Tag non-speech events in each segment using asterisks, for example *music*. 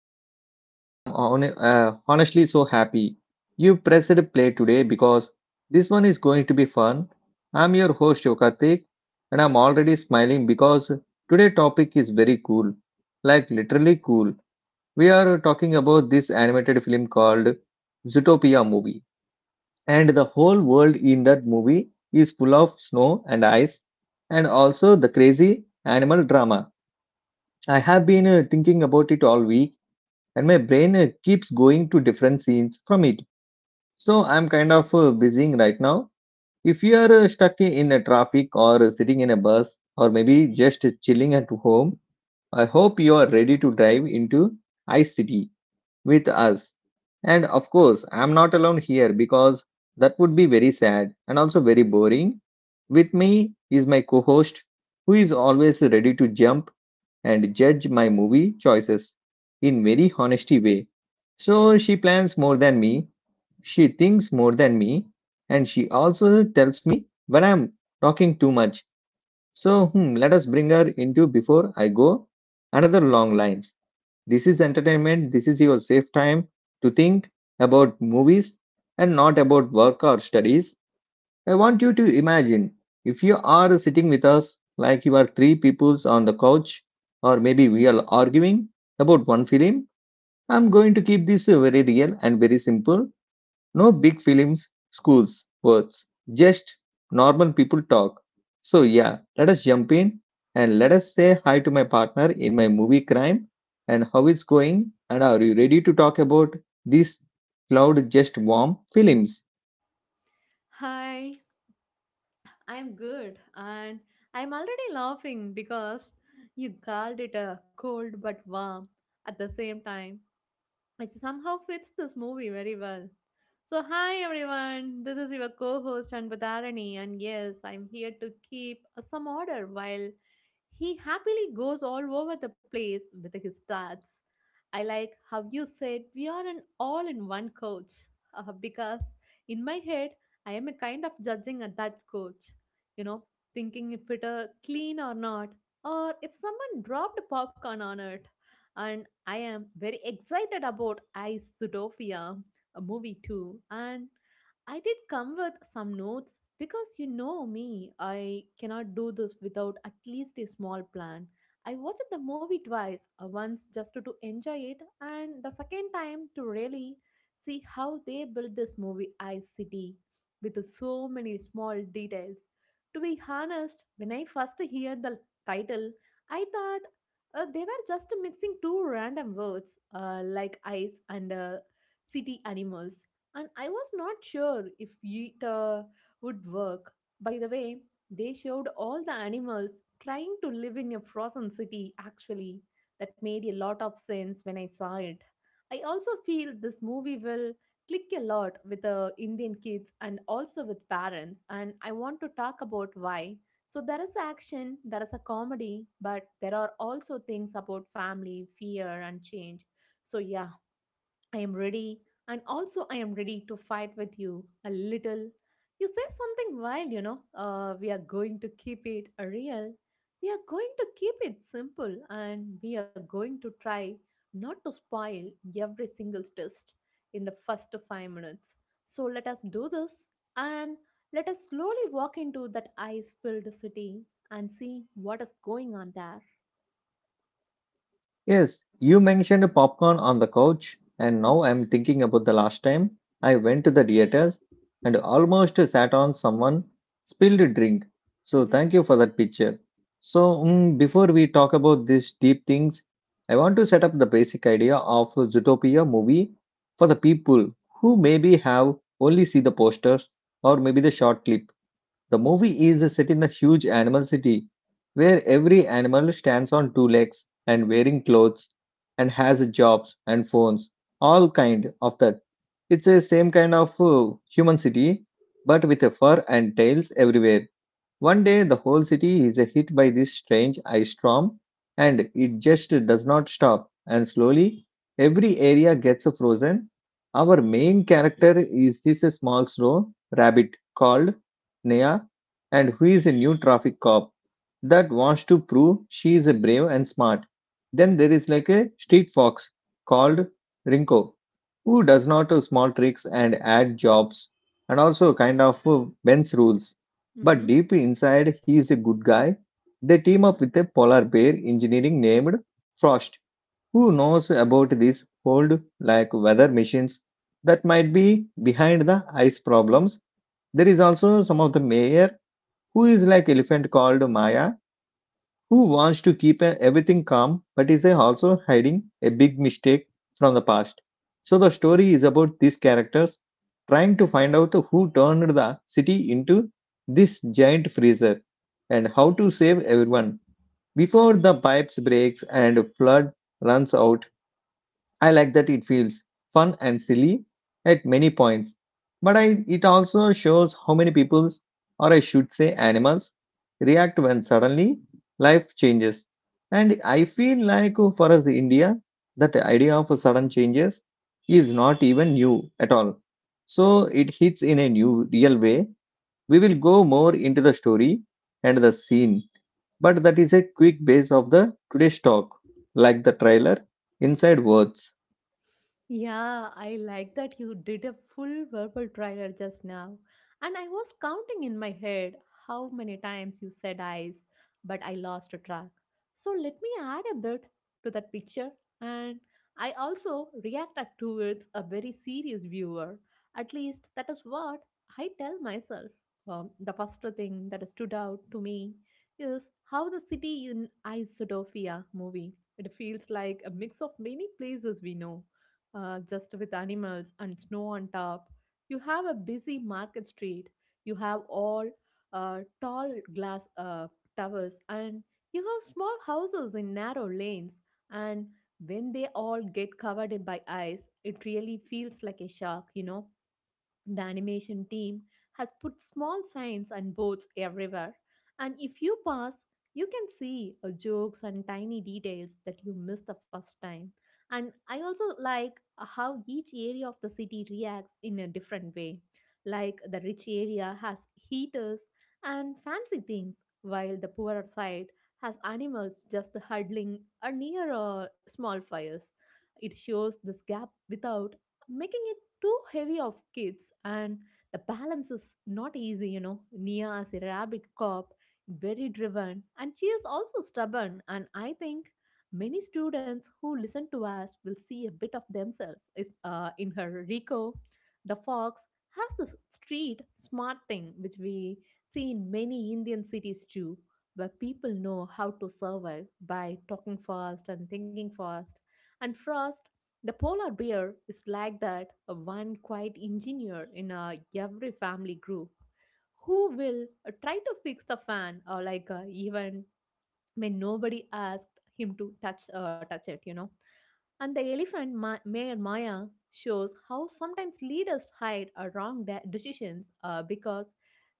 Entertainment. I'm on, honestly so happy you pressed play today because this one is going to be fun. I'm your host Yokartik, and I'm already smiling because today topic is very cool, like literally cool. We are talking about this animated film called Zootopia movie, and the whole world in that movie is full of snow and ice, and also the crazy animal drama I have been thinking about it all week, and my brain keeps going to different scenes from it. So I'm kind of busying right now. If you are stuck in a traffic or sitting in a bus or maybe just chilling at home, I hope you are ready to dive into Ice City with us. And of course, I'm not alone here because that would be very sad and also very boring. With me is my co host who is always ready to jump and judge my movie choices in very honesty way. So she plans more than me, she thinks more than me, and she also tells me when I'm talking too much. So let us bring her into before I go another long lines. This is entertainment, this is your safe time to think about movies and not about work or studies. I want you to imagine if you are sitting with us like you are three peoples on the couch, or maybe we are arguing about one film. I'm going to keep this very real and very simple. No big films, schools, words, just normal people talk. So, yeah, let us jump in and let us say hi to my partner in my movie Crime and how it's going. And are you ready to talk about these cloud just warm films? Hi, I'm good and I'm already laughing because you called it a cold but warm at the same time which somehow fits this movie very well. So, hi everyone, this is your co host Anbudharani, and yes, I'm here to keep some order while he happily goes all over the place with his stats. I like how you said we are an all in one coach because in my head, I am a kind of judging at that coach, you know, thinking if it clean or not, or if someone dropped popcorn on it. And I am very excited about Isotopia, a movie too, and I did come with some notes because you know me, I cannot do this without at least a small plan. I watched the movie twice, once just to enjoy it, and the second time to really see how they built this movie Ice City with so many small details. To be honest, when I first heard the title, I thought they were just mixing two random words like ice and city animals, and I was not sure if it would work. By the way, they showed all the animals trying to live in a frozen city, actually. That made a lot of sense when I saw it. I also feel this movie will click a lot with Indian kids and also with parents, and I want to talk about why. So there is action, there is a comedy, but there are also things about family, fear, and change. So, yeah, I am ready, and also I am ready to fight with you a little. You say something wild, you know. We are going to keep it real. We are going to keep it simple, and we are going to try not to spoil every single test in the first 5 minutes. So let us do this, and let us slowly walk into that ice-filled city and see what is going on there. Yes, you mentioned popcorn on the couch, and now I'm thinking about the last time I went to the theaters and almost sat on someone spilled a drink. So Mm-hmm. thank you for that picture. So before we talk about these deep things, I want to set up the basic idea of a Zootopia movie for the people who maybe have only see the posters or maybe the short clips. The movie is set in a huge animal city where every animal stands on two legs and wearing clothes and has jobs and phones, all kind of that. It's a same kind of human city but with a fur and tails everywhere. One day, the whole city is hit by this strange ice storm, and it just does not stop. And slowly, every area gets frozen. Our main character is this small snow rabbit called Nea, and who is a new traffic cop that wants to prove she is a brave and smart. Then there is like a street fox called Rinko, who does not do small tricks and add jobs and also kind of bends rules but Mm-hmm. deep inside, he is a good guy. They team up with a polar bear engineer named Frost, who knows about these old, like weather machines that might be behind the ice problems. There is also some of the mayor who is like elephant called Maya, who wants to keep everything calm but is also hiding a big mistake from the past. So the story is about these characters trying to find out who turned the city into this giant freezer and how to save everyone before the pipes breaks and flood runs out. I like that it feels fun and silly at many points, but it also shows how many people, or I should say animals, react when suddenly life changes. And I feel like for us India, that idea of sudden changes is not even new at all. So it hits in a new, real way. We will go more into the story and the scene, but that is a quick base of the today's talk, like the trailer inside words. Yeah, I like that you did a full verbal trial just now. And I was counting in my head how many times you said eyes, but I lost track. So let me add a bit to that picture. And I also reacted towards a very serious viewer. At least that is what I tell myself. The first thing that stood out to me is how the city in Isodofia movie. It feels like a mix of many places we know just with animals and snow on top. You have a busy market street. You have all tall glass towers, and you have small houses in narrow lanes. And when they all get covered in by ice, it really feels like a shock, you know the animation team has put small signs and boards everywhere, and if you pass, you can see jokes and tiny details that you missed the first time. And I also like how each area of the city reacts in a different way. Like the rich area has heaters and fancy things, while the poorer side has animals just huddling near small fires. It shows this gap without making it too heavy of kids, and the balance is not easy, you know. Nia is a rabid cop, very driven, and she is also stubborn. And I think many students who listen to us will see a bit of themselves is, in her. Rico, the fox, has the street smart thing, which we see in many Indian cities too, where people know how to survive by talking fast and thinking fast. And Frost the polar bear is like that one quiet engineer in every family group who will try to fix the fan or like even when nobody asked him to touch touch it you know and the elephant mare Maya shows how sometimes leaders hide wrong decisions because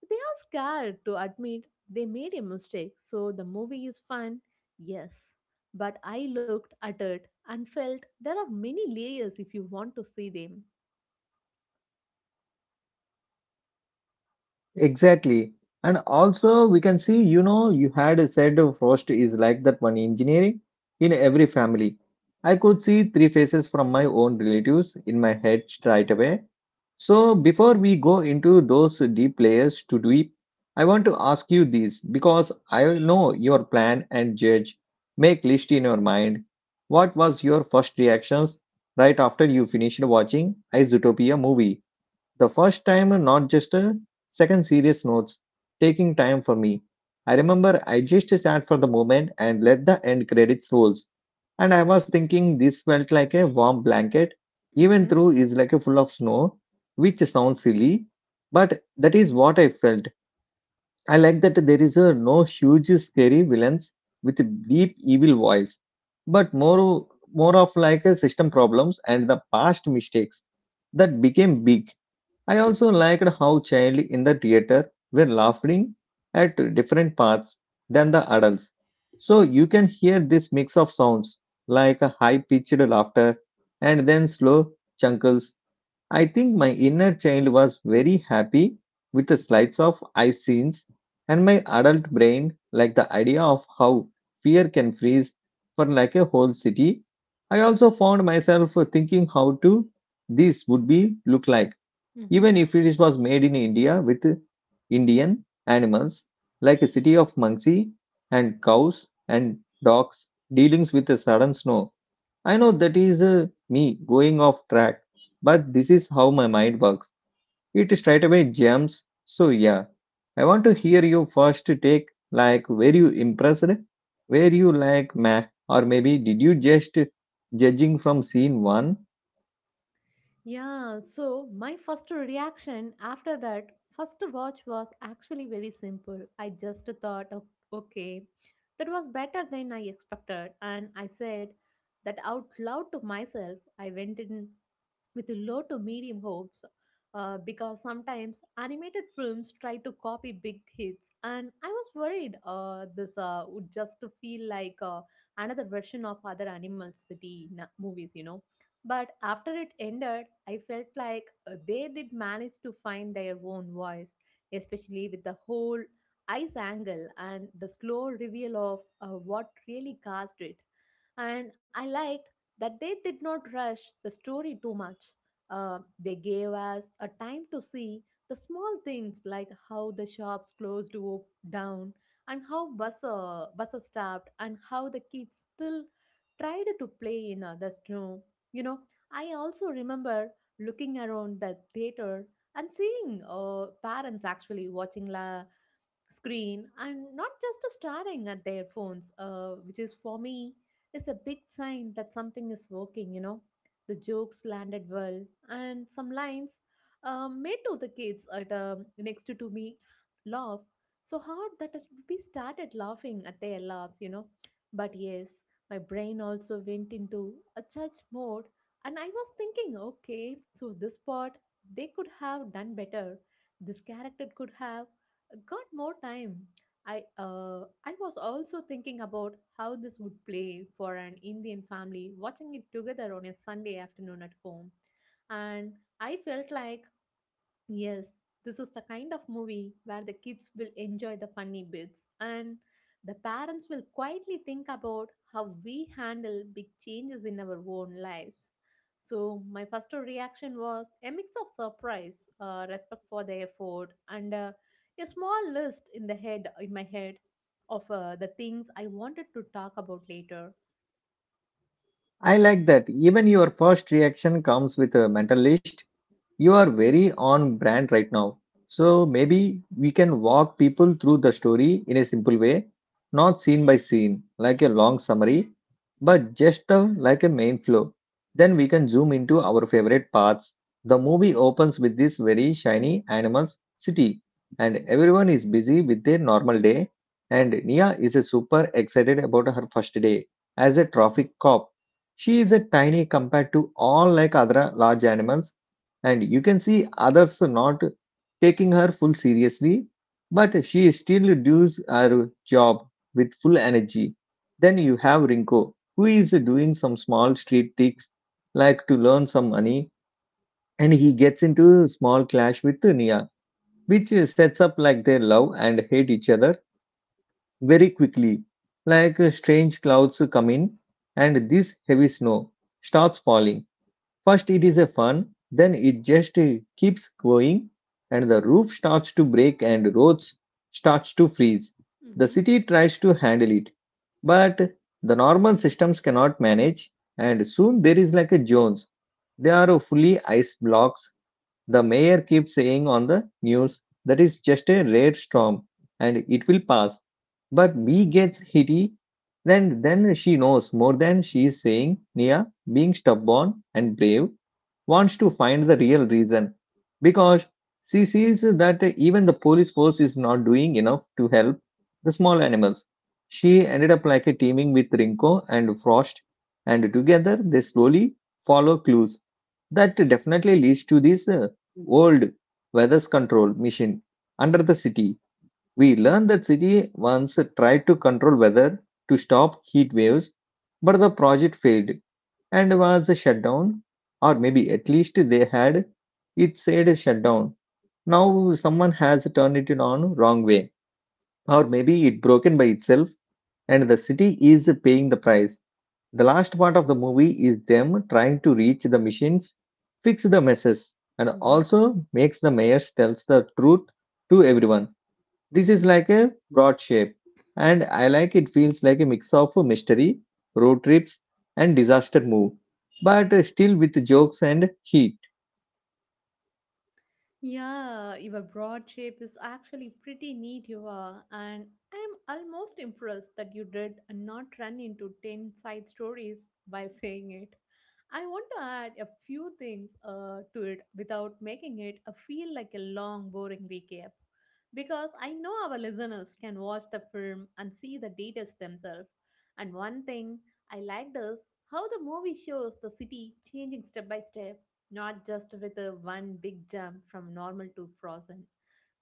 they are scared to admit they made a mistake. So the movie is fun, yes. But I looked at it and felt there are many layers if you want to see them. Exactly. And also, we can see, you know, you had said frost is like that one engineering in every family. I could see three faces from my own relatives in my head straight away. So, before we go into those deep layers to deep, I want to ask you this because I know your plan and judge make list in your mind. What was your first reactions right after you finished watching a Zootopia movie? The first time, not just a second serious notes, taking time for me. I remember I just sat for the moment and let the end credits rolls. And I was thinking this felt like a warm blanket, even Mm-hmm. though is like a full of snow, which sounds silly, but that is what I felt. I like that there is a no huge scary villains with deep evil voice, but more of like a system problems and the past mistakes that became big. I also liked how children in the theater were laughing at different parts than the adults. So you can hear this mix of sounds like a high pitched laughter and then slow chuckles. I think my inner child was very happy with the slides of eye scenes and my adult brain liked the idea of how fear can freeze for like a whole city. I also found myself thinking how to this would be look like even if it was made in India with Indian animals like a city of Muncie and cows and dogs dealings with the sudden snow. I know that is me going off track, but this is how my mind works. It straight away jumps. So yeah, I want to hear you first take like were you impressed, were you like meh, or maybe did you just judging from scene one? Yeah, so my first reaction after that first watch was actually very simple. I just thought, "Oh, okay, that was better than I expected. And I said that out loud to myself. I went in with low to medium hopes because sometimes animated films try to copy big hits and I was worried this would just feel like another version of other animal city movies you know but after it ended I felt like they did manage to find their own voice especially with the whole ice angle and the slow reveal of what really caused it and I liked that they did not rush the story too much. They gave us a time to see the small things like how the shops closed down and how buses stopped and how the kids still tried to play in the snow. You know, I also remember looking around the theater and seeing parents actually watching la screen and not just staring at their phones, which is for me is a big sign that something is working. You know, the jokes landed well, and some lines made to the kids at next to me laugh so hard that it- we started laughing at their laughs. You know, but yes, my brain also went into a judge mode, and I was thinking, okay, so this part they could have done better. This character could have got more time. I was also thinking about how this would play for an Indian family watching it together on a Sunday afternoon at home, and I felt like Yes, this is the kind of movie where the kids will enjoy the funny bits and the parents will quietly think about how we handle big changes in our own lives. So, my first reaction was a mix of surprise, respect for the effort, and a small list in my head of the things I wanted to talk about later. I like that. Even your first reaction comes with a mental list. You are very on brand right now. So maybe we can walk people through the story in a simple way, not scene by scene, like a long summary, but just like a main flow. Then we can zoom into our favorite parts. The movie opens with this very shiny animals city, and everyone is busy with their normal day. And Nia is a super excited about her first day as a traffic cop. She is a tiny compared to all like other large animals, and you can see others not taking her full seriously, but she still does her job with full energy. Then you have Rinko, who is doing some small street things like to learn some money, and he gets into small clash with Nia, which sets up like they love and hate each other very quickly. Like strange clouds come in, and this heavy snow starts falling. First, it is a fun, then it just keeps going, and the roof starts to break and roads starts to freeze. The city tries to handle it, but the normal systems cannot manage, and soon there is like a Jones. They are fully ice blocks. The mayor keeps saying on the news that is just a rare storm and it will pass. But B gets hitty, then she knows more than she is saying. Nia, being stubborn and brave, wants to find the real reason because she sees that even the police force is not doing enough to help the small animals. She ended up like a teaming with Rinko and Frost, and together they slowly follow clues that definitely leads to this old weather control machine under the city. We learned that city once tried to control weather to stop heat waves, but the project failed and was shut down, or maybe at least they had it said shut down. Now someone has turned it on wrong way, or maybe it broken by itself, and the city is paying the price. The last part of the movie is them trying to reach the machines, fix the messes, and Mm-hmm. also makes the mayor tells the truth to everyone. This is like a broad shape, and I like it feels like a mix of a mystery, road trips, and disaster move, but still with jokes and heat. Yeah, your broad shape is actually pretty neat, you are, and I'm almost impressed that you did not run into 10 side stories *laughs* while saying it. I want to add a few things to it without making it feel like a long, boring recap. Because I know our listeners can watch the film and see the details themselves. And one thing I liked is how the movie shows the city changing step by step not just with a one big jump from normal to frozen.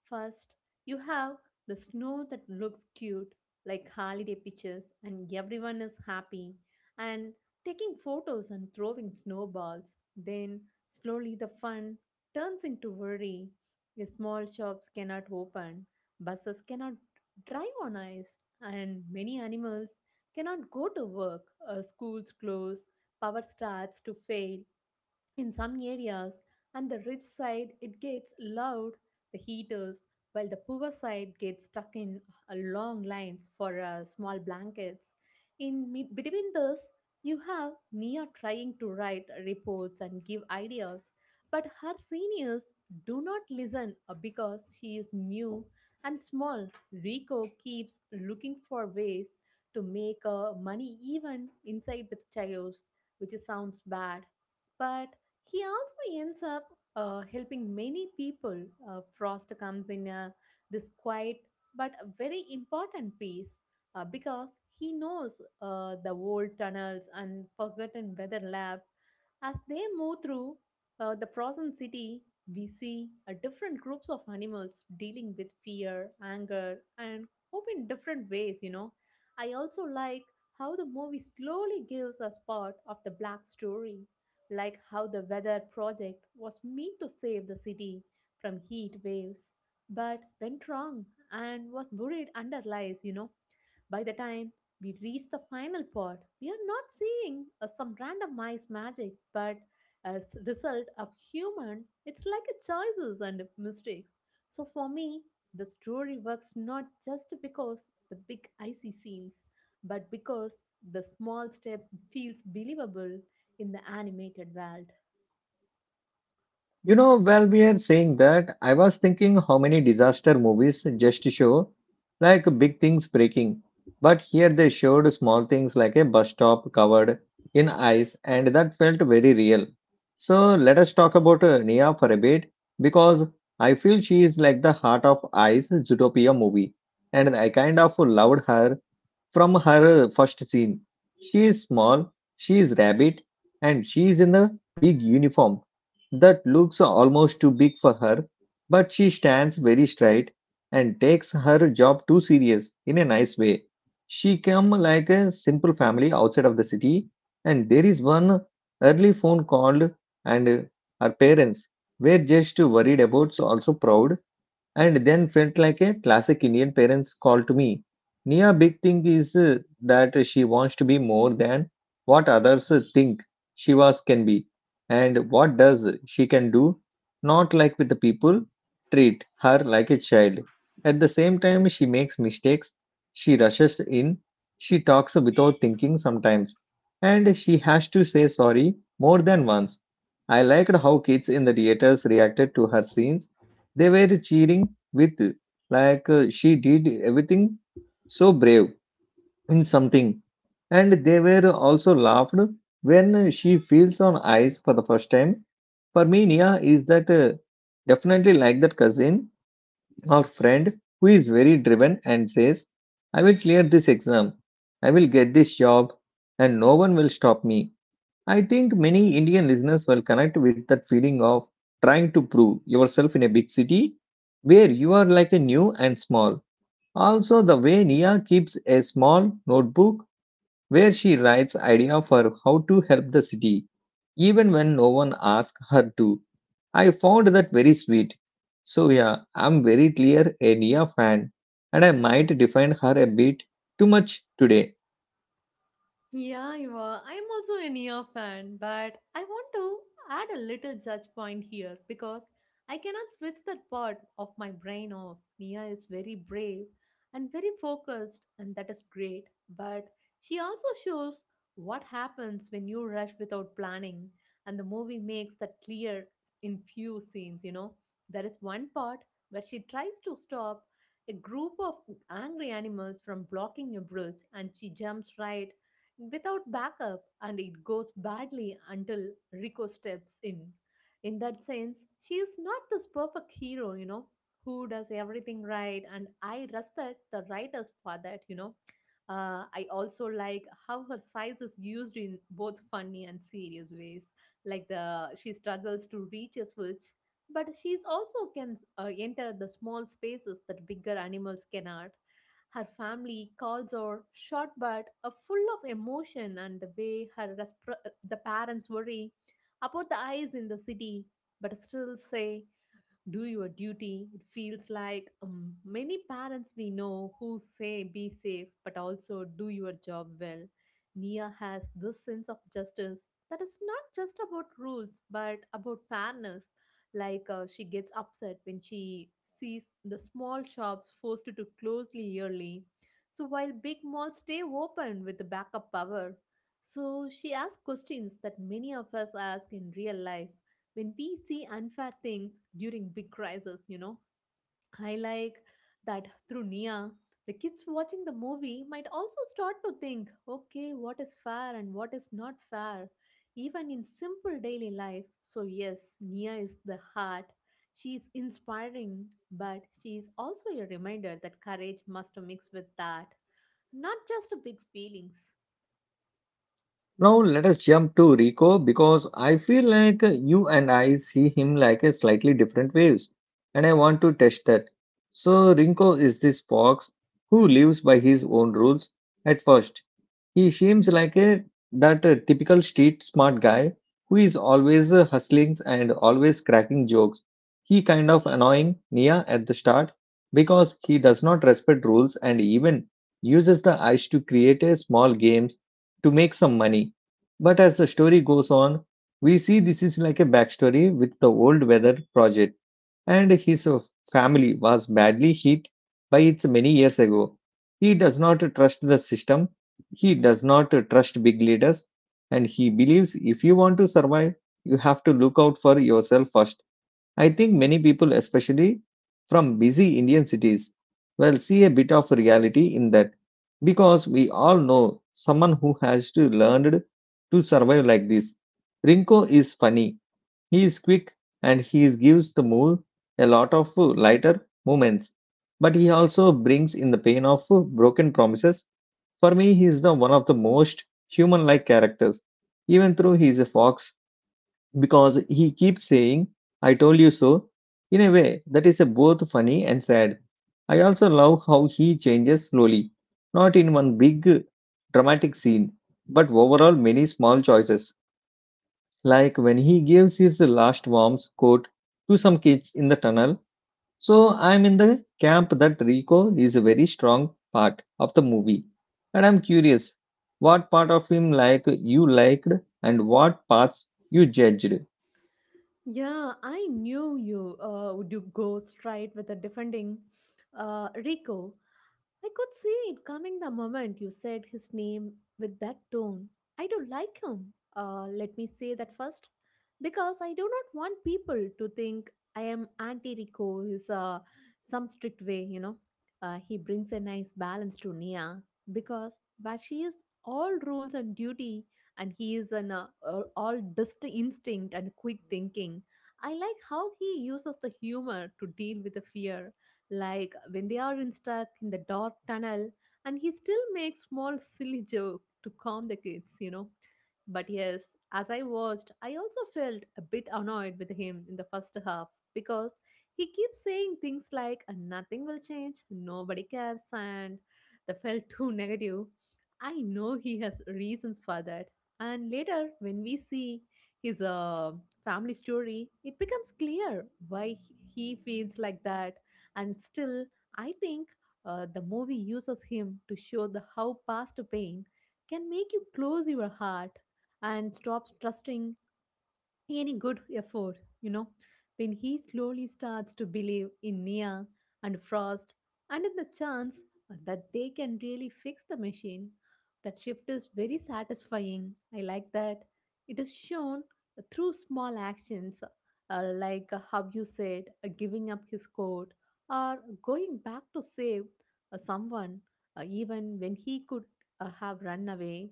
First, you have the snow that looks cute, like holiday pictures, and everyone is happy and taking photos and throwing snowballs. Then, slowly, the fun turns into worry. The small shops cannot open, buses cannot drive on ice, and many animals cannot go to work, schools close, power starts to fail, in some areas, on the rich side, it gets loud, the heaters, while the poor side gets stuck in long lines for small blankets. In between this, you have Nia trying to write reports and give ideas, but her seniors do not listen because she is new and small. Rico keeps looking for ways to make money even inside with chaos, which sounds bad. But he also ends up helping many people. Frost comes in this quiet but a very important piece because he knows the old tunnels and forgotten weather lab. As they move through the frozen city, we see different groups of animals dealing with fear, anger, and hope in different ways. You know, I also like how the movie slowly gives us part of the black story like how the weather project was meant to save the city from heat waves but went wrong and was buried under lies you know by the time we reach the final part, we are not seeing some randomized magic, but as result of human, it's like a choices and mistakes. So for me, the story works not just because the big icy scenes, but because the small step feels believable in the animated world. You know, while we are saying that, I was thinking how many disaster movies just show like big things breaking. But here they showed small things like a bus stop covered in ice, and that felt very real. So let us talk about Nia for a bit because I feel she is like the heart of Ice Zootopia movie, and I kind of loved her. From her first scene, she is small, she is rabbit, and she is in a big uniform that looks almost too big for her, but she stands very straight and takes her job too serious in a nice way. She come like a simple family outside of the city, and there is one early phone called, and her parents were just worried about, so also proud and then felt like a classic Indian parent's call to me. Nia big thing is that she wants to be more than what others think she was can be, and what does she can do, not like with the people treat her like a child. At the same time, she makes mistakes, she rushes in, she talks without thinking sometimes, and she has to say sorry more than once. I liked how kids in the theaters reacted to her scenes they were cheering with, she did everything so brave in something. And they were also laughed when she feels on ice for the first time. For me, Nia is that definitely like that cousin or friend who is very driven and says, I will clear this exam, I will get this job, and no one will stop me. I think many Indian listeners will connect with that feeling of trying to prove yourself in a big city where you are like a new and small. Also, the way Nia keeps a small notebook where she writes idea for how to help the city, even when no one asks her to. I found that very sweet. So yeah, I'm very clear a Nia fan, and I might defend her a bit too much today. Yeah, Eva, I'm also a Nia fan, but I want to add a little judge point here because I cannot switch that part of my brain off. Nia is very brave and very focused, and that is great, but she also shows what happens when you rush without planning, and the movie makes that clear in few scenes, you know. There is one part where she tries to stop a group of angry animals from blocking a bridge and she jumps right without backup and it goes badly until Rico steps in. In that sense, she is not this perfect hero, you know, who does everything right, and I respect the writers for that, you know. I also like how her size is used in both funny and serious ways. Like the she struggles to reach a switch, but she's also can enter the small spaces that bigger animals cannot. Her family calls her short but full of emotion, and the way the parents worry about the eyes in the city, but still say do your duty. It feels like many parents we know who say be safe but also do your job well. Nia has this sense of justice that is not just about rules but about fairness. Like she gets upset when she sees the small shops forced to close early, so while big malls stay open with the backup power, so she asks questions that many of us ask in real life when we see unfair things during big crises, you know. I like that through Nia, the kids watching the movie might also start to think, okay, what is fair and what is not fair, even in simple daily life. So yes, Nia is the heart. She is inspiring, but she is also a reminder that courage must mix with that, not just big feelings. Now let us jump to Rico because I feel like you and I see him like a slightly different waves, and I want to test that. So Rico is this fox who lives by his own rules at first he seems like a that typical street smart guy who is always hustling and always cracking jokes. He kind of annoying Nia at the start because he does not respect rules and even uses the ice to create a small games to make some money. But as the story goes on, we see this is like a backstory with the old weather project and his family was badly hit by its many years ago. He does not trust the system, he does not trust big leaders, and he believes if you want to survive, you have to look out for yourself first. I think many people, especially from busy Indian cities, will see a bit of reality in that because we all know someone who has to learned to survive like this. Rinko is funny he is quick and gives the move a lot of lighter movements, but he also brings in the pain of broken promises. For me, he is the one of the most human-like characters, even though he is a fox, because he keeps saying, "I told you so." In a way that is both funny and sad. I also love how he changes slowly, not in one big dramatic scene, but overall many small choices like when he gives his last warm coat to some kids in the tunnel. So I'm in the camp that Rico is a very strong part of the movie. And I'm curious what part of him like you liked and what parts you judged. Yeah, I knew you would you go straight with a defending Rico. I could see it coming the moment you said his name with that tone. I don't like him. Let me say that first, because I do not want people to think I am anti Rico. Is some strict way, you know. He brings a nice balance to Nia because, but she is all rules and duty, and he is an all dust instinct and quick thinking. I like how he uses the humor to deal with the fear, like when they are in stuck in the dark tunnel and he still makes small silly joke to calm the kids, you know. But yes, as I watched, I also felt a bit annoyed with him in the first half because he keeps saying things like, nothing will change, nobody cares," and they felt too *laughs* negative. I know he has reasons for that, and later when we see his family story it becomes clear why he feels like that. And still, I think the movie uses him to show the how past pain can make you close your heart and stop trusting any good effort, you know, when he slowly starts to believe in Nia and Frost and in the chance that they can really fix the machine. That shift is very satisfying. I like that. It is shown through small actions, how you said, giving up his coat or going back to save someone, even when he could have run away.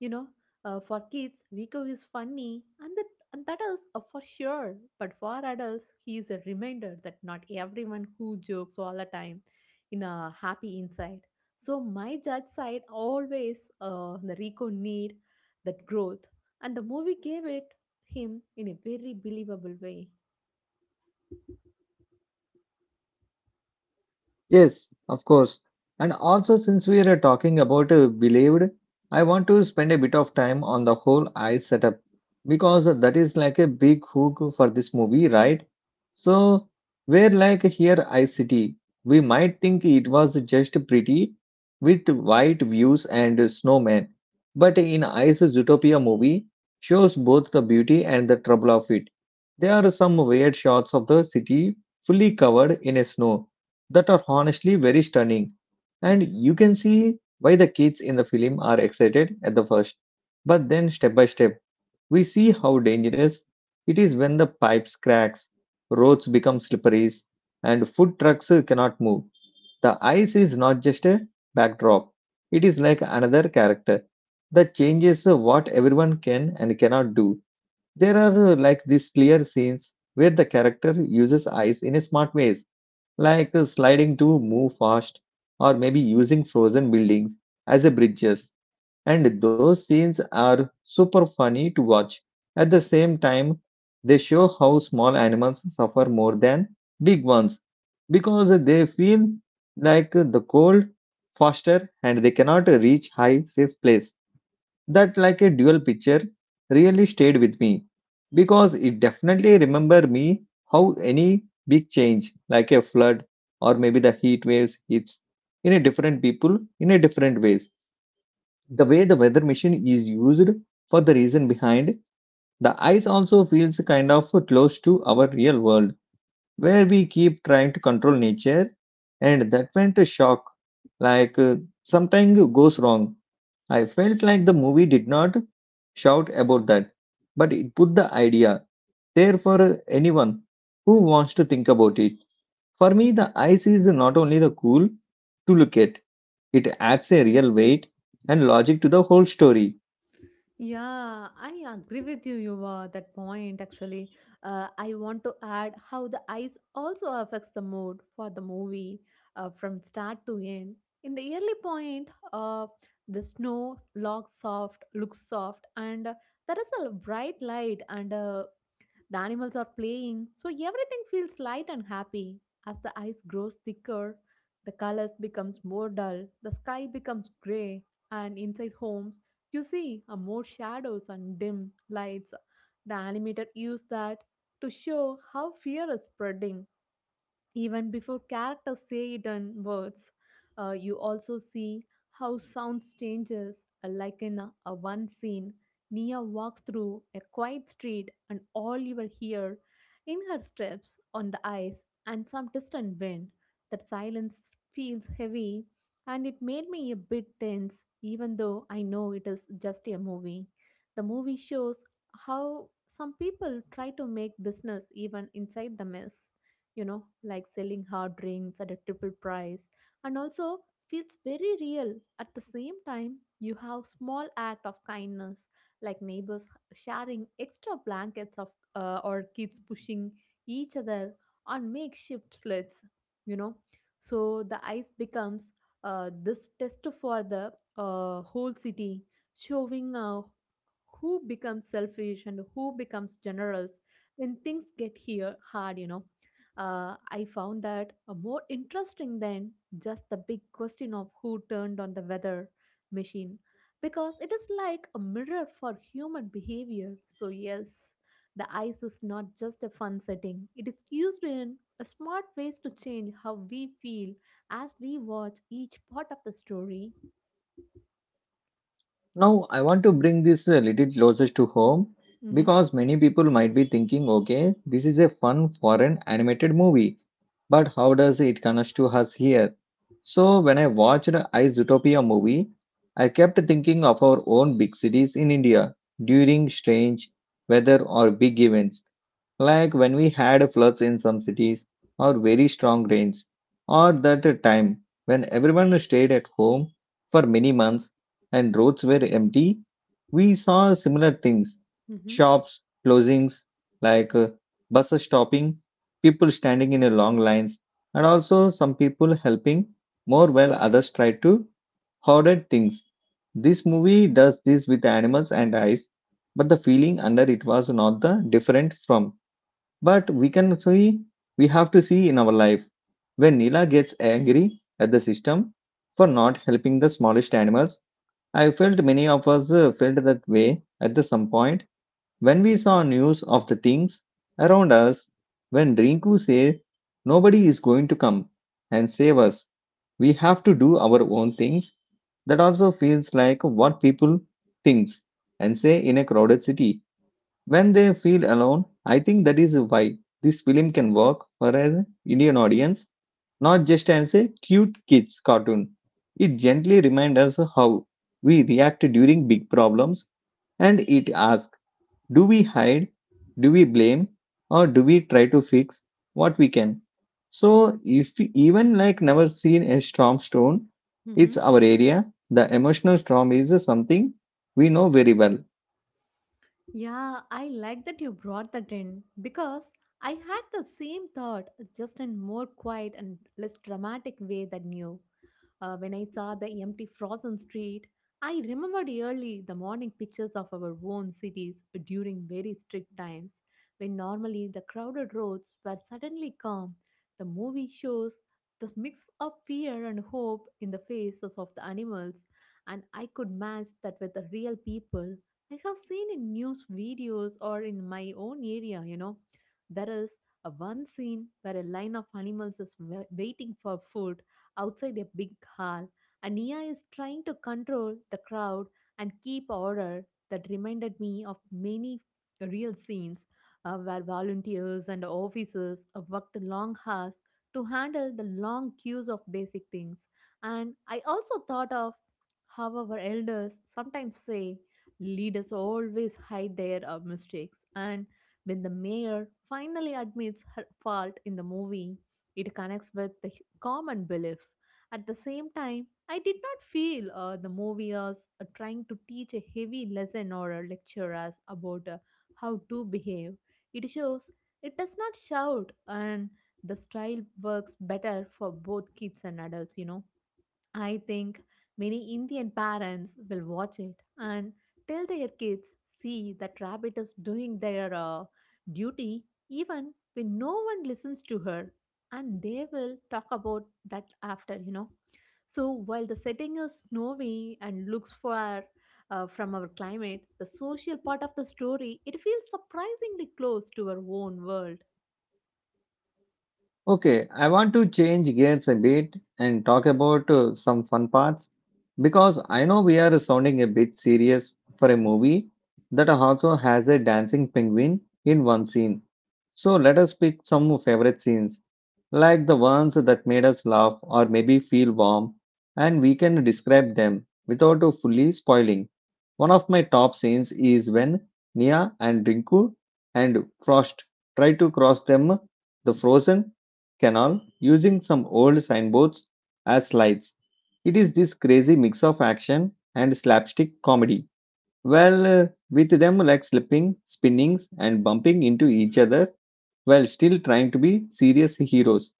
You know, for kids, Rico is funny and the and that is for sure. But for adults, he is a reminder that not everyone who jokes all the time in a happy inside. So my judge side always the Rico need that growth, and the movie gave it him in a very believable way. Yes, of course. And also, since we are talking about believed, I want to spend a bit of time on the whole eye setup because that is like a big hook for this movie, right? So, where like here ICT, we might think it was just pretty with white views and snowmen, but in Ice Zootopia movie shows both the beauty and the trouble of it. There are some weird shots of the city fully covered in snow that are honestly very stunning, and you can see why the kids in the film are excited at the first. But then, step by step, we see how dangerous it is when the pipes cracks, roads become slippery, and food trucks cannot move. The ice is not just a backdrop, it is like another character that changes what everyone can and cannot do. There are like these clear scenes where the character uses ice in a smart ways, like sliding to move fast or maybe using frozen buildings as a bridges. And those scenes are super funny to watch. At the same time, they show how small animals suffer more than big ones because they feel like the cold faster and they cannot reach high safe place that like a dual picture really stayed with me because it definitely remember me how any big change like a flood or maybe the heat waves hits in a different people in a different ways. The way the weather machine is used for the reason behind the ice also feels kind of close to our real world where we keep trying to control nature and that went a shock like something goes wrong. I felt like the movie did not shout about that but it put the idea there for anyone who wants to think about it. For me the ice is not only the cool to look at, it adds a real weight and logic to the whole story. Yeah, I agree with you, Yuva, that point actually. I want to add how the eyes also affects the mood for the movie from start to end. In the early point, the snow looks soft, and there is a bright light and the animals are playing, so everything feels light and happy. As the ice grows thicker, the colors becomes more dull, the sky becomes gray, and inside homes you see more shadows and dim lights. The animator used that to show how fear is spreading even before characters say it in words. You also see how sounds changes. Like in a one scene, Nia walks through a quiet street, and all you will hear in her steps on the ice and some distant wind. That silence feels heavy, and it made me a bit tense, even though I know it is just a movie. The movie shows how some people try to make business even inside the mess, you know, like selling hard drinks at a triple price, and also feels very real. At the same time, you have small act of kindness, like neighbors sharing extra blankets of or kids pushing each other on makeshift sleds, you know. So the ice becomes this test for the whole city, showing who becomes selfish and who becomes generous when things get here hard, you know. I found that more interesting than just the big question of who turned on the weather machine, because it is like a mirror for human behavior. So yes, the ice is not just a fun setting, it is used in a smart ways to change how we feel as we watch each part of the story. Now, I want to bring this a little closer to home mm-hmm, because many people might be thinking, okay, this is a fun foreign animated movie, but how does it connect to us here? So, when I watched I Zootopia movie, I kept thinking of our own big cities in India during strange weather or big events like when we had floods in some cities, or very strong rains, or that time when everyone stayed at home for many months and roads were empty, we saw similar things mm-hmm, shops closings, like buses stopping, people standing in a long lines, and also some people helping more while others tried to hoarded things. This movie does this with animals and eyes, but the feeling under it was not the different from but we can see, we have to see in our life when Nila gets angry at the system for not helping the smallest animals. I felt many of us felt that way at the some point when we saw news of the things around us. When Rinku said, nobody is going to come and save us, we have to do our own things. That also feels like what people thinks and say in a crowded city when they feel alone. I think that is why this film can work for an Indian audience, not just as a cute kids cartoon. It gently reminds us how we react during big problems and it asks do we hide, do we blame, or do we try to fix what we can? So, if we even like never seen a storm stone, mm-hmm. it's our area. The emotional storm is something we know very well. Yeah, I like that you brought that in because I had the same thought, just in more quiet and less dramatic way than you. When I saw the empty frozen street, I remembered early the morning pictures of our own cities during very strict times, when normally the crowded roads were suddenly calm. The movie shows the mix of fear and hope in the faces of the animals, and I could match that with the real people I have seen in news videos or in my own area, you know. There is a one scene where a line of animals is waiting for food outside a big hall, and Nia is trying to control the crowd and keep order. That reminded me of many real scenes where volunteers and officers worked long hours to handle the long queues of basic things. And I also thought of how our elders sometimes say leaders always hide their mistakes. And when the mayor finally admits her fault in the movie, it connects with the common belief. At the same time, I did not feel the movie was trying to teach a heavy lesson or a lecture us about how to behave. It shows it does not shout, and the style works better for both kids and adults, you know. I think many Indian parents will watch it and tell their kids, see, that rabbit is doing their duty, even when no one listens to her. And they will talk about that after, you know. So while the setting is snowy and looks far from our climate, the social part of the story, it feels surprisingly close to our own world. Okay, I want to change gears a bit and talk about some fun parts because I know we are sounding a bit serious for a movie that also has a dancing penguin in one scene. So let us pick some favorite scenes, like the ones that made us laugh or maybe feel warm, and we can describe them without fully spoiling. One of my top scenes is when Nia and Rinku and Frost try to cross them the frozen canal using some old signboards as slides. It is this crazy mix of action and slapstick comedy. Well, with them like slipping, spinnings, and bumping into each other while still trying to be serious heroes.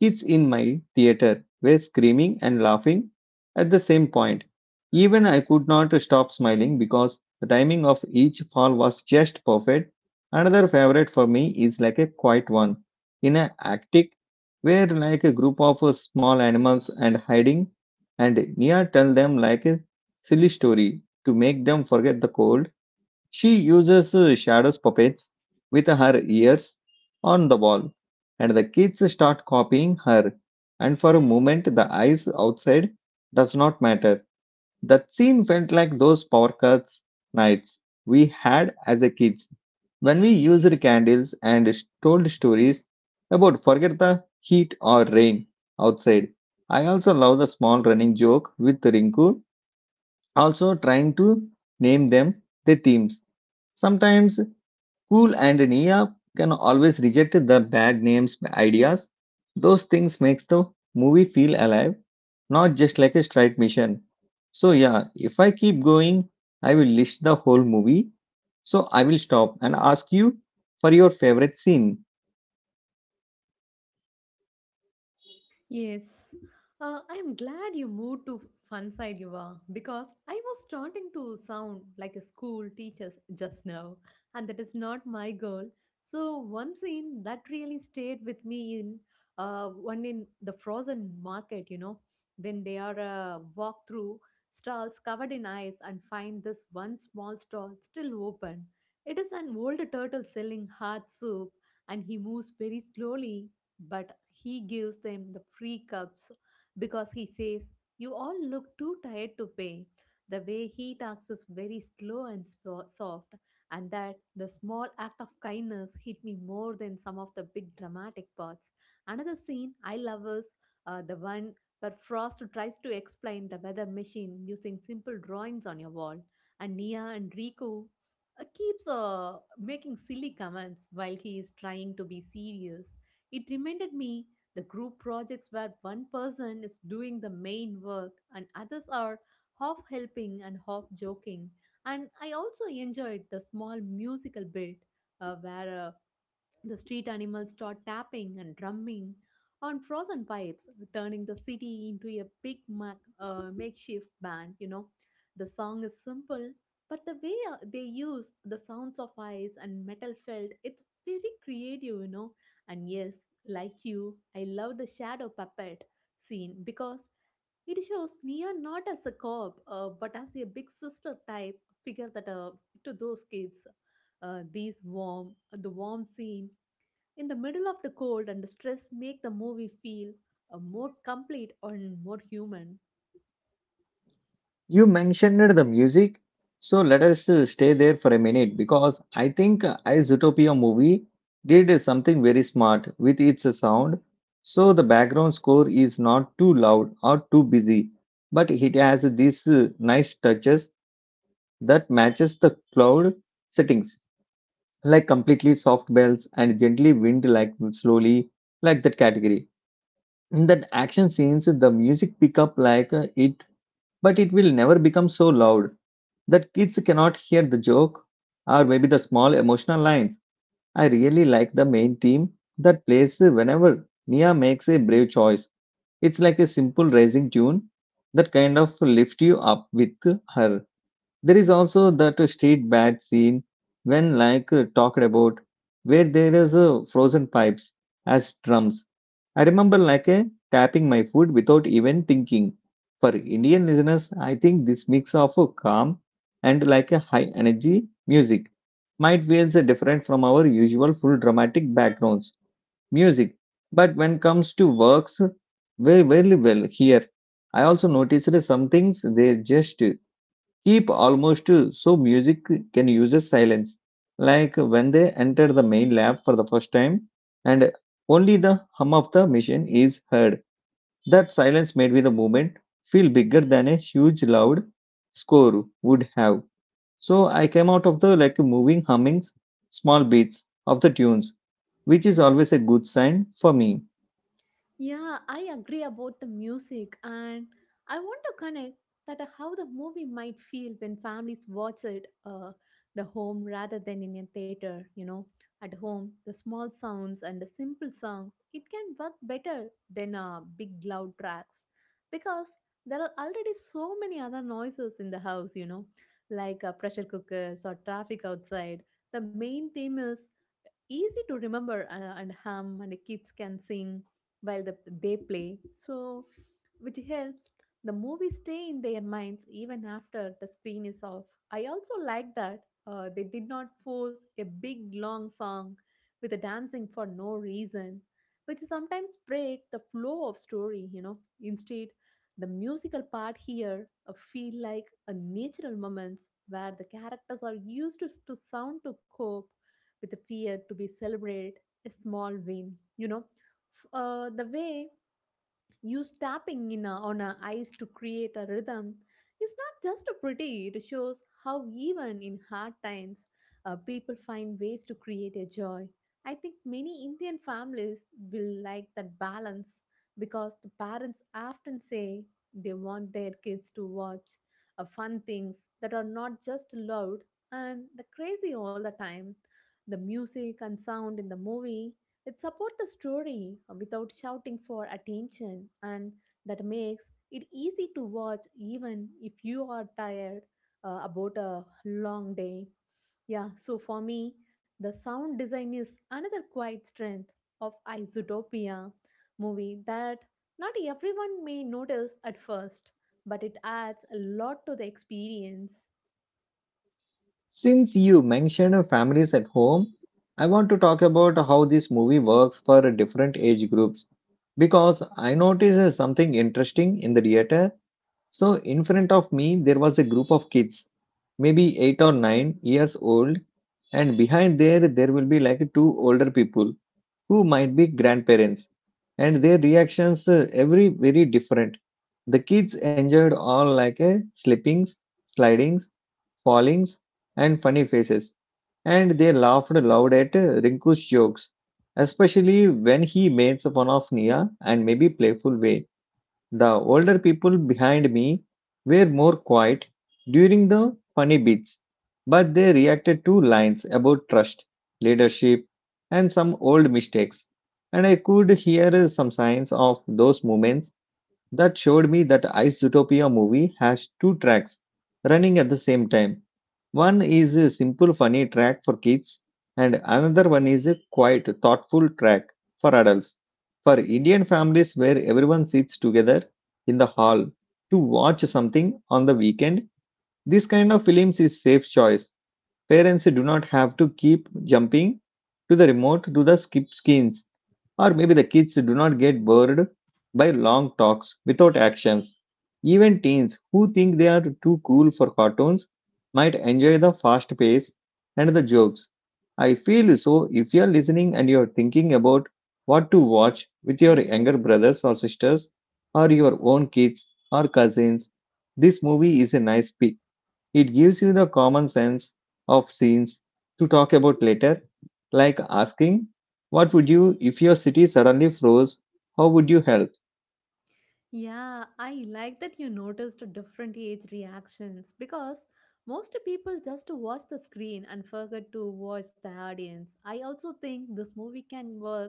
Kids in my theater were screaming and laughing at the same point. Even I could not stop smiling because the timing of each fall was just perfect. Another favorite for me is like a quiet one in an Arctic where like a group of small animals and hiding and Nia tell them like a silly story to make them forget the cold. She uses shadows puppets with her ears on the wall, and the kids start copying her. And for a moment, the eyes outside does not matter. That scene felt like those power cuts nights we had as a kids when we used candles and told stories about forget the heat or rain outside. I also love the small running joke with Rinku, also trying to name them the themes. Sometimes Cool and Nia can always reject the bad names ideas. Those things makes the movie feel alive, not just like a straight mission. So yeah, if I keep going, I will list the whole movie. So I will stop and ask you for your favorite scene. Yes. I am glad you moved to fun side, Yuva, because I was starting to sound like a school teacher just now, and that is not my goal. So one scene that really stayed with me in one in the frozen market, you know, when they are walk through stalls covered in ice and find this one small stall still open. It is an old turtle selling hard soup, and he moves very slowly but he gives them the free cups because he says, "You all look too tired to pay." The way he talks is very slow and soft, and that the small act of kindness hit me more than some of the big dramatic parts. Another scene I love is the one where Frost tries to explain the weather machine using simple drawings on your wall, and Nia and Riku keeps making silly comments while he is trying to be serious. It reminded me the group projects where one person is doing the main work and others are half helping and half joking. And I also enjoyed the small musical bit where a the street animals start tapping and drumming on frozen pipes, turning the city into a big makeshift band. You know, the song is simple, but the way they use the sounds of ice and metal felt, it's very creative, you know. And yes, like you, I love the shadow puppet scene because it shows Nia not as a cop, but as a big sister type figure that to those kids. The warm scene in the middle of the cold and the stress make the movie feel more complete and more human. You mentioned the music, so let us stay there for a minute because I think I Zootopia movie did something very smart with its sound. So the background score is not too loud or too busy, but it has these nice touches that matches the cloud settings, like completely soft bells and gently wind like slowly like that category. In that action scenes, the music pick up but it will never become so loud that kids cannot hear the joke or maybe the small emotional lines. I really like the main theme that plays whenever Nia makes a brave choice. It's like a simple rising tune that kind of lifts you up with her. There is also that street bat scene when talked about where there is frozen pipes as drums. I remember tapping my foot without even thinking. For Indian listeners, I think this mix of a calm and like a high energy music might feels different from our usual full dramatic backgrounds music. But when comes to works, very very well here. I also noticed some things they just keep almost so music can use a silence like when they enter the main lab for the first time and only the hum of the machine is heard, that silence made with the movement feel bigger than a huge loud score would have. So I came out of the like moving hummings, small beats of the tunes, which is always a good sign for me. Yeah, I agree about the music, and I want to connect that how the movie might feel when families watch it the home rather than in a theater. You know, at home the small sounds and the simple songs it can work better than big loud tracks because there are already so many other noises in the house. You know, like pressure cookers or traffic outside. The main theme is easy to remember, and hum and the kids can sing while they play, so which helps the movie stay in their minds even after the screen is off. I also like that they did not force a big long song with a dancing for no reason, which sometimes break the flow of story. Instead, the musical part here feel like a natural moments where the characters are used to sound to cope with a fear to be celebrate a small win. The way use tapping on a ice to create a rhythm is not just pretty, it shows how even in hard times, people find ways to create a joy. I think many Indian families will like that balance because the parents often say they want their kids to watch fun things that are not just loud and the crazy all the time. The music and sound in the movie, it supports the story without shouting for attention, and that makes it easy to watch even if you are tired about a long day. Yeah, so for me, the sound design is another quiet strength of Isotopia movie that not everyone may notice at first, but it adds a lot to the experience. Since you mentioned families at home, I want to talk about how this movie works for different age groups because I noticed something interesting in the theater. So, in front of me, there was a group of kids, maybe 8 or 9 years old, and behind there, there will be like two older people who might be grandparents, and their reactions every very different. The kids enjoyed all like a slippings, slidings, fallings, and funny faces, and they laughed loud at Rinku's jokes, especially when he made fun of Nia and maybe playful way. The older people behind me were more quiet during the funny bits, but they reacted to lines about trust, leadership, and some old mistakes, and I could hear some signs of those moments that showed me that Ice Utopia movie has two tracks running at the same time. One is a simple funny track for kids, and another one is a quiet, thoughtful track for adults. For Indian families where everyone sits together in the hall to watch something on the weekend, this kind of films is safe choice. Parents do not have to keep jumping to the remote to the skip screens, or maybe the kids do not get bored by long talks without actions. Even teens who think they are too cool for cartoons might enjoy the fast pace and the jokes. I feel so if you are listening and you are thinking about what to watch with your Mm-hmm. younger brothers or sisters, or your own kids or cousins, this movie is a nice pick. It gives you the common sense of scenes to talk about later, like asking, what would you if your city suddenly froze? How would you help? Yeah, I like that you noticed different age reactions because most people just watch the screen and forget to watch the audience. I also think this movie can work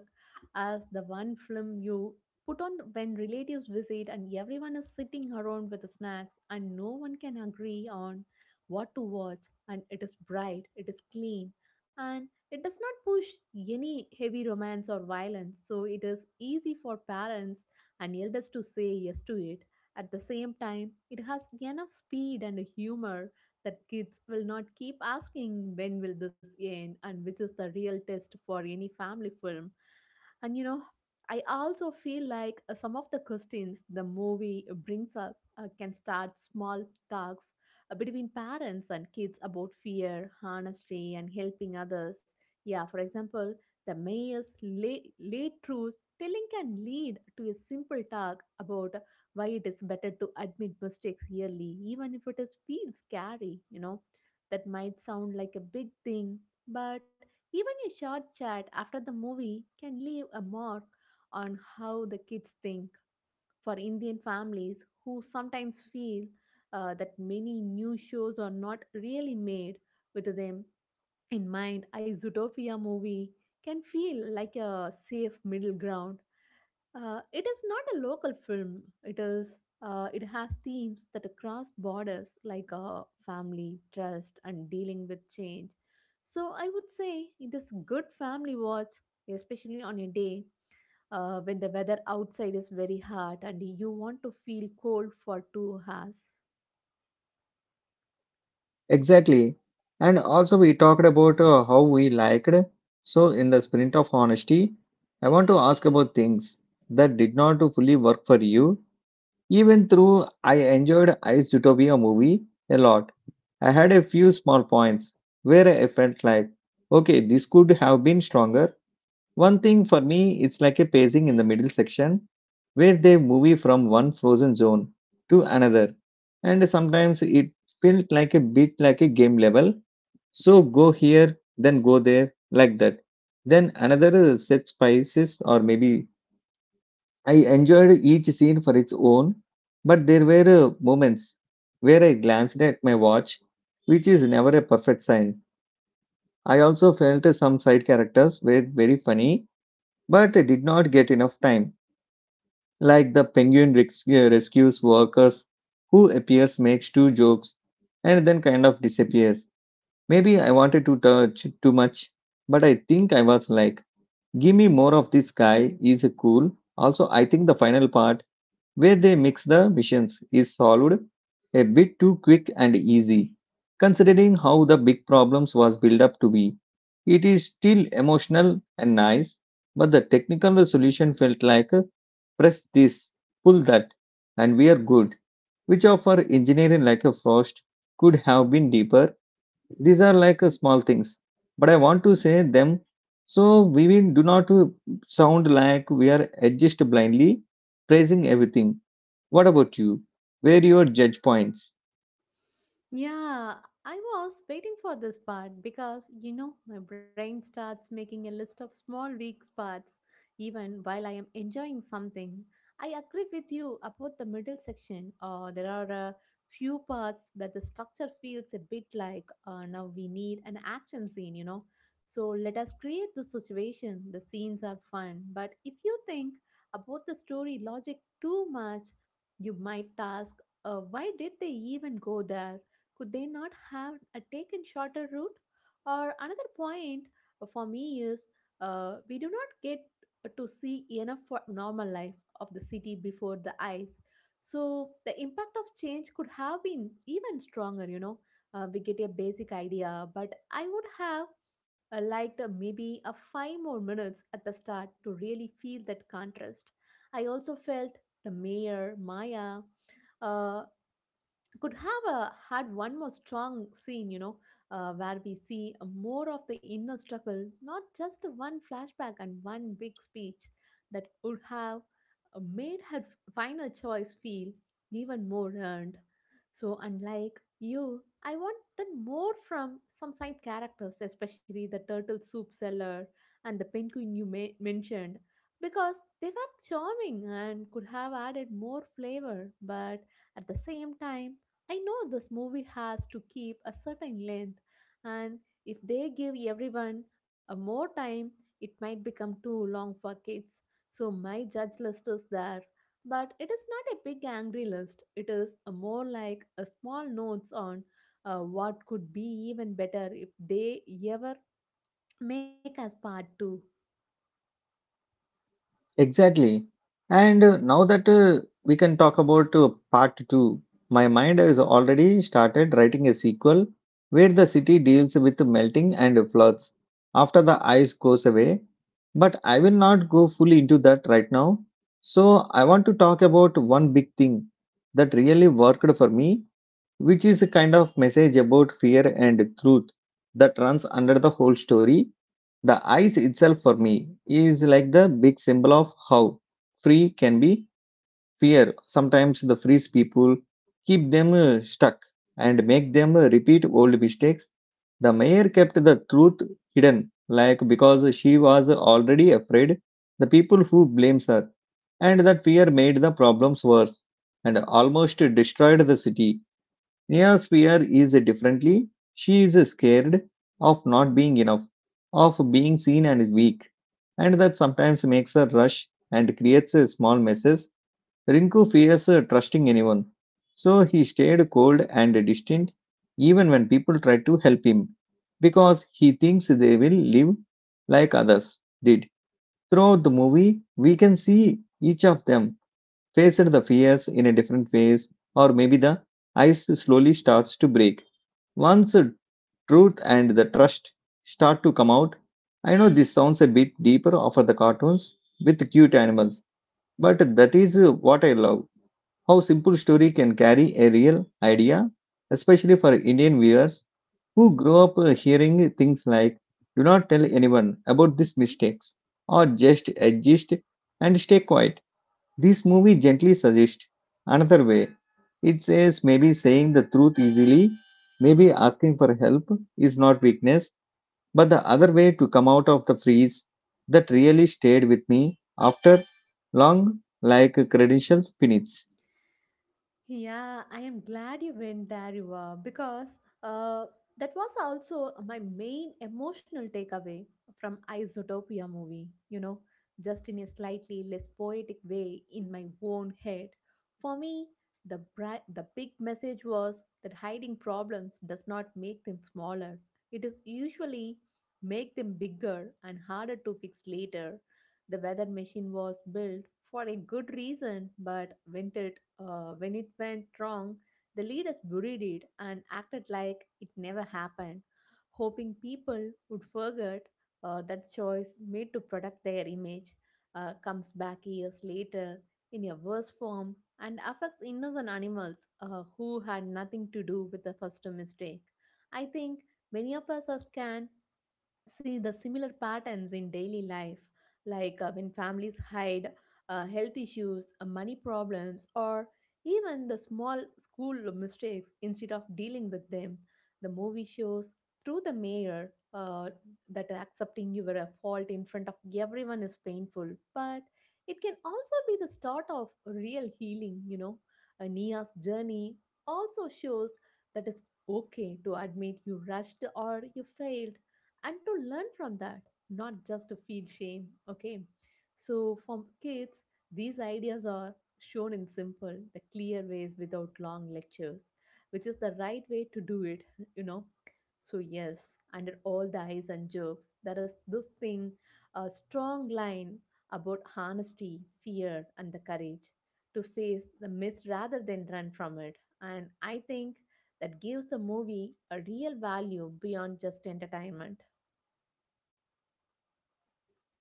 as the one film you put on when relatives visit and everyone is sitting around with the snacks and no one can agree on what to watch, and it is bright, it is clean, and it does not push any heavy romance or violence, so it is easy for parents and yelled us to say yes to it. At the same time, it has enough speed and humor that kids will not keep asking when will this end, and which is the real test for any family film. And I also feel like some of the questions the movie brings up can start small talks between parents and kids about fear, honesty, and helping others. Yeah, for example, the mayor's late truths telling can lead to a simple talk about why it is better to admit mistakes yearly, even if it is feels scary. That might sound like a big thing, but even a short chat after the movie can leave a mark on how the kids think. For Indian families who sometimes feel that many new shows are not really made with them in mind, a Zootopia movie can feel like a safe middle ground. It is not a local film. It is. It has themes that cross borders, like family, trust, and dealing with change. So I would say it is good family watch, especially on a day when the weather outside is very hot and you want to feel cold for 2 hours. Exactly. And also, we talked about how we liked. So, in the spirit of honesty, I want to ask about things that did not fully work for you. Even though I enjoyed Ice Utopia movie a lot, I had a few small points where I felt like, okay, this could have been stronger. One thing for me, it's like a pacing in the middle section where they move from one frozen zone to another. And sometimes it felt like a bit like a game level. So go here, then go there, like that. Then another set spices, or maybe I enjoyed each scene for its own, but there were moments where I glanced at my watch, which is never a perfect sign. I also felt some side characters were very funny but did not get enough time, like the rescues workers who appears, makes two jokes, and then kind of disappears. Maybe I wanted to touch too much, but I think I was like, give me more of this guy, he's cool. Also, I think the final part where they mix the missions is solved a bit too quick and easy. Considering how the big problems was built up to be, it is still emotional and nice, but the technical solution felt like press this, pull that, and we are good. Which of our engineering like a frost could have been deeper. These are small things, but I want to say them so we will do not sound like we are adjust blindly praising everything. What about you? Where your judge points? Yeah, I was waiting for this part because my brain starts making a list of small weak spots even while I am enjoying something. I agree with you about the middle section. There are a few parts where the structure feels a bit like, now we need an action scene. So let us create the situation. The scenes are fun, but if you think about the story logic too much, you might ask, why did they even go there? Could they not have taken shorter route? Or another point for me is, we do not get to see enough for normal life of the city before the eyes. So the impact of change could have been even stronger. We get a basic idea, but I would have liked, maybe a 5 more minutes at the start to really feel that contrast. I also felt the mayor Maya uh, could have a had one more strong scene, where we see more of the inner struggle, not just one flashback and one big speech that would have made her final choice feel even more earned. So, unlike you, I wanted more from some side characters, especially the turtle soup seller and the penguin you mentioned, because they were charming and could have added more flavor, but at the same time, I know this movie has to keep a certain length, and if they give everyone a more time, it might become too long for kids. So my judge list is there, but it is not a big angry list. It is a more like a small notes on what could be even better if they ever make us part 2. Exactly. And now that we can talk about part two, my mind has already started writing a sequel where the city deals with melting and floods after the ice goes away. But I will not go fully into that right now. So I want to talk about one big thing that really worked for me, which is a kind of message about fear and truth that runs under the whole story. The ice itself, for me, is like the big symbol of how free can be fear. Sometimes the freeze people, keep them stuck, and make them repeat old mistakes. The mayor kept the truth hidden, like because she was already afraid. The people who blames her, and that fear made the problems worse and almost destroyed the city. Neosphere is differently. She is scared of not being enough, of being seen and weak, and that sometimes makes her rush and creates a small messes. Rinku fears trusting anyone, so he stayed cold and distant even when people tried to help him because he thinks they will live like others did. Throughout the movie, we can see each of them faced the fears in a different ways, or maybe the ice slowly starts to break. Once truth and the trust start to come out, I know this sounds a bit deeper for the cartoons with cute animals, but that is what I love. How simple story can carry a real idea, especially for Indian viewers who grow up hearing things like "Do not tell anyone about these Mm-hmm. mistakes" or "Just exist and stay quiet." This movie gently suggests another way. It says maybe saying the truth easily, maybe asking for help is not weakness, but the other way to come out of the freeze that really stayed with me after long like credentials finish. Yeah, I am glad you went there, Yuva, because uh, that was also my main emotional takeaway from Isotopia movie, just in a slightly less poetic way in my own head. For me, the big message was that hiding problems does not make them smaller. It is usually make them bigger and harder to fix later. The weather machine was built for a good reason, but when it went wrong, the leaders buried it and acted like it never happened, hoping people would forget that choice made to protect their image comes back years later in a worse form and affects innocent animals who had nothing to do with the first mistake. I think many of us are scanned see the similar patterns in daily life, like when families hide health issues, money problems, or even the small school mistakes instead of dealing with them. The movie shows through the mayor that accepting your fault in front of everyone is painful, but it can also be the start of real healing. Nia's journey also shows that it's okay to admit you rushed or you failed and to learn from that, not just to feel shame. Okay, so for kids, these ideas are shown in simple, the clear ways without long lectures, which is the right way to do it, you know. So, yes, under all the eyes and jokes, there is this thing, a strong line about honesty, fear, and the courage to face the mist rather than run from it. And I think that gives the movie a real value beyond just entertainment.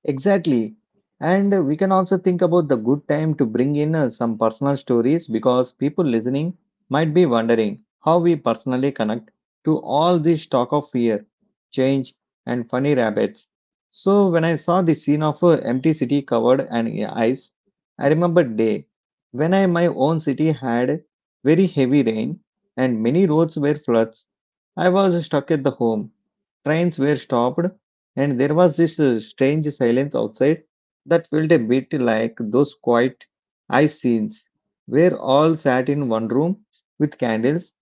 Exactly. And we can also think about the good time to bring in some personal stories because people listening might be wondering how we personally connect to all this talk of fear, change, and funny rabbits. So, when I saw the scene of an empty city covered in ice, I remember day when I my own city had very heavy rain and many roads were floods. I was stuck at the home. Trains were stopped and there was this strange silence outside that felt a bit like those quiet ice scenes where all sat in one room with candles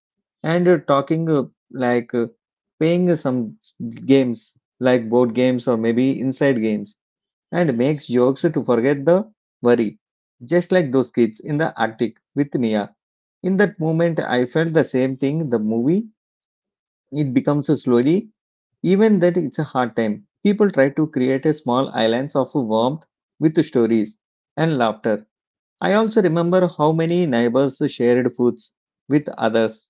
and talking like playing some s- games like board games or maybe inside games and makes jokes to forget the worry, just like those kids in the arctic with Nia. In that moment I felt the same thing the movie, it becomes slowly even that it's a hard time. People try to create a small islands of warmth with stories and laughter. I also remember how many neighbors shared foods with others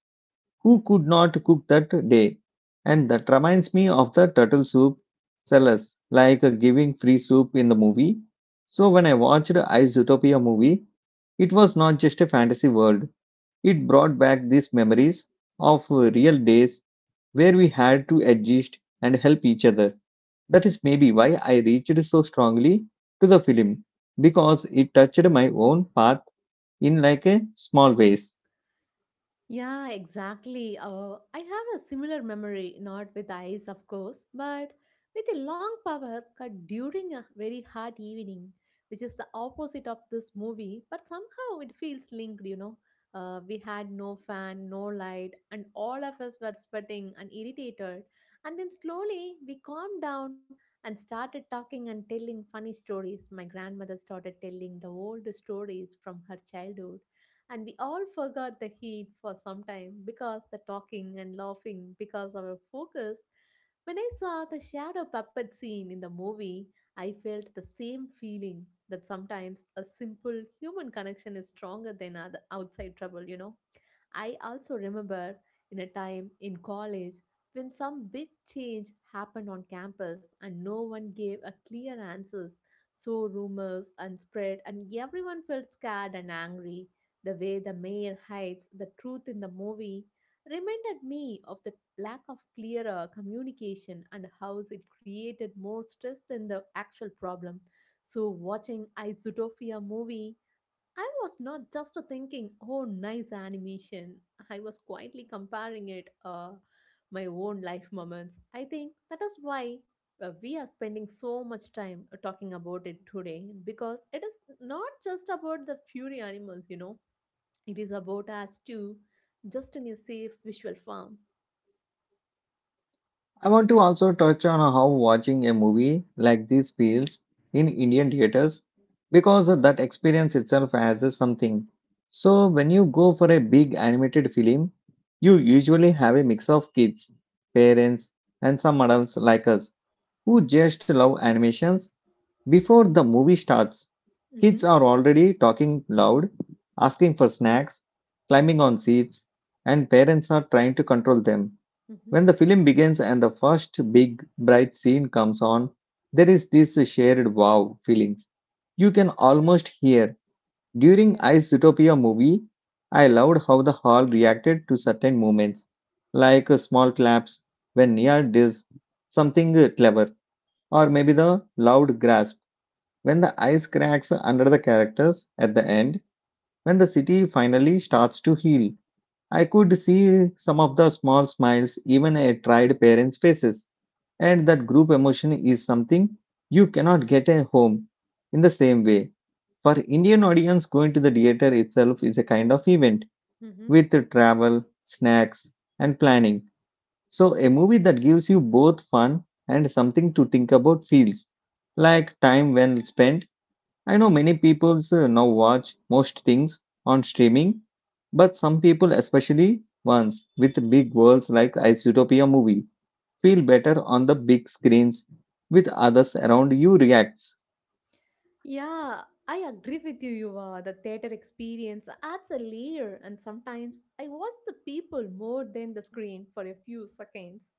who could not cook that day. And that reminds me of the turtle soup sellers, giving free soup in the movie. So when I watched I Zootopia movie, it was not just a fantasy world. It brought back these memories of real days where we had to adjust and help each other. That is maybe why I reached so strongly to the film because it touched my own path in like a small ways. Yeah, exactly. I have a similar memory, not with eyes, of course, but with a long power cut during a very hot evening, which is the opposite of this movie, but somehow it feels linked. We had no fan, no light, and all of us were sweating and irritated. And then slowly we calmed down and started talking and telling funny stories. My grandmother started telling the old stories from her childhood, and we all forgot the heat for some time, because the talking and laughing, because our focus, when I saw the shadow puppet scene in the movie, I felt the same feeling that sometimes a simple human connection is stronger than other outside trouble. I also remember in a time in college when some big change happened on campus and no one gave a clear answers, so rumors and spread and everyone felt scared and angry. The way the mayor hides the truth in the movie reminded me of the lack of clearer communication and how it created more stress than the actual problem. So, watching I Zootopia movie, I was not just thinking, oh, nice animation. I was quietly comparing it my own life moments. I think that is why we are spending so much time talking about it today, because it is not just about the fury animals. It is about us too, just in a safe visual form. I want to also touch on how watching a movie like this feels in Indian theaters because that experience itself has a something. So when you go for a big animated film, you usually have a mix of kids, parents, and some adults like us who just love animations. Before the movie starts, Hmm. kids are already talking loud, asking for snacks, climbing on seats, and parents are trying to control them. Hmm. When the film begins and the first big bright scene comes on, there is this shared wow feelings. You can almost hear during Yeah. Ice Zootopia movie, I loved how the hall reacted to certain moments, like small claps when Nia does something clever, or maybe the loud grasp when the ice cracks under the characters at the end, when the city finally starts to heal, I could see some of the small smiles even at tried parents' faces. And that group emotion is something you cannot get at home in the same way. For Indian audience, going to the theater itself is a kind of event Hmm. with travel, snacks, and planning. So a movie that gives you both fun and something to think about feels like time well spent. I know many people now watch most things on streaming, but some people, especially ones with big worlds like a Zootopia movie, feel better on the big screens with others around you reacts. Yeah, I agree with you, Yuva. The theater experience adds a layer, and sometimes I watch the people more than the screen for a few seconds,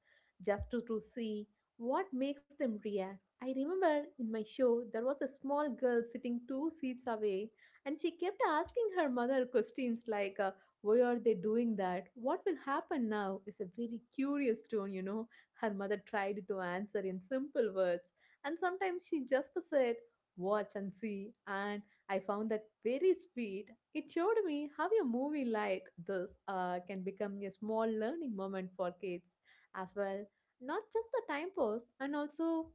just to see what makes them react. I remember in my show there was a small girl sitting two seats away, and she kept asking her mother questions like, "Why are they doing that? What will happen now?" is a very curious tone. Her mother tried to answer in simple words, and sometimes she just said, "watch and see," and I found that very sweet. It showed me how a movie like this can become a small learning moment for kids as well, not just the time pause. And also,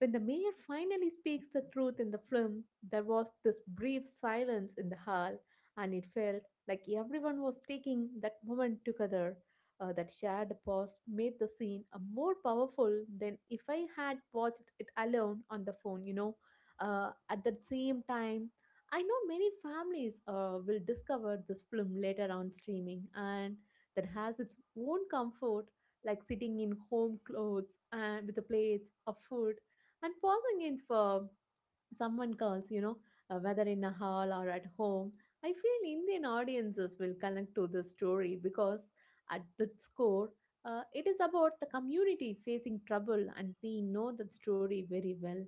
when the mayor finally speaks the truth in the film, there was this brief silence in the hall, and it felt like everyone was taking that moment together. That shared pause made the scene more powerful than if I had watched it alone on the phone. At the same time, I know many families will discover this film later on streaming, and that has its own comfort, like sitting in home clothes and with the plates of food and pausing in for someone calls, whether in a hall or at home. I feel Indian audiences will connect to this story because at its core, it is about the community facing trouble, and we know that story very well.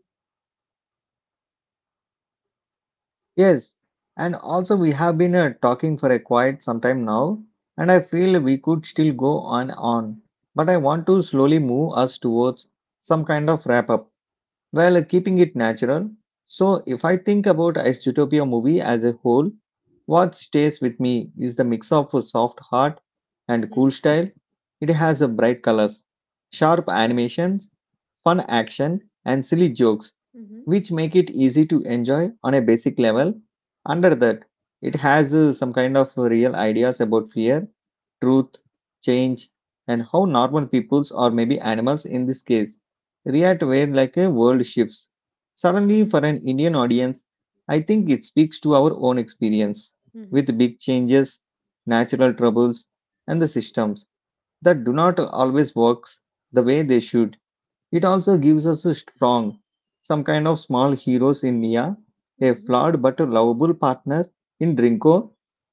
Yes, and also we have been talking for a quite some time now, and I feel we could still go on, but I want to slowly move us towards some kind of wrap up. Well, keeping it natural. So, if I think about its movie as a whole, what stays with me is the mix of a soft heart and cool Mm-hmm. style. It has a bright colors, sharp animations, fun action, and silly jokes, Mm-hmm. which make it easy to enjoy on a basic level. Under that, it has some kind of real ideas about fear truth, change, and how normal peoples or maybe animals in this case react where like a world shifts. Suddenly, for an Indian audience, I think it speaks to our own experience Mm-hmm. with big changes, natural troubles, and the systems that do not always work the way they should. It also gives us a strong, some kind of small heroes in Nia, a Mm-hmm. flawed but lovable partner in Drinko,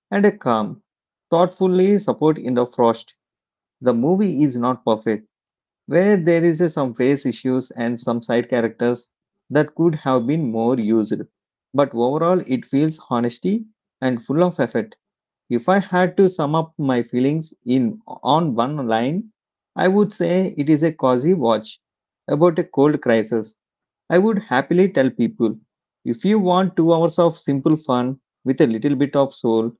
and a calm, thoughtfully support in the Frost. The movie is not perfect, where there is a some face issues and some side characters that could have been more used. But overall, it feels honesty and full of effort. If I had to sum up my feelings in on one line, I would say it is a cozy watch about a cold crisis. I would happily tell people, if you want 2 hours of simple fun with a little bit of soul,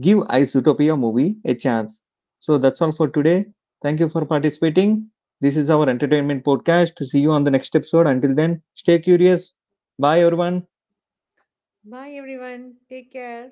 give Ice movie a chance. So that's all for today. Thank you for participating. This is our entertainment podcast. See you on the next episode. Until then, stay curious. Bye everyone. Bye, everyone. Take care.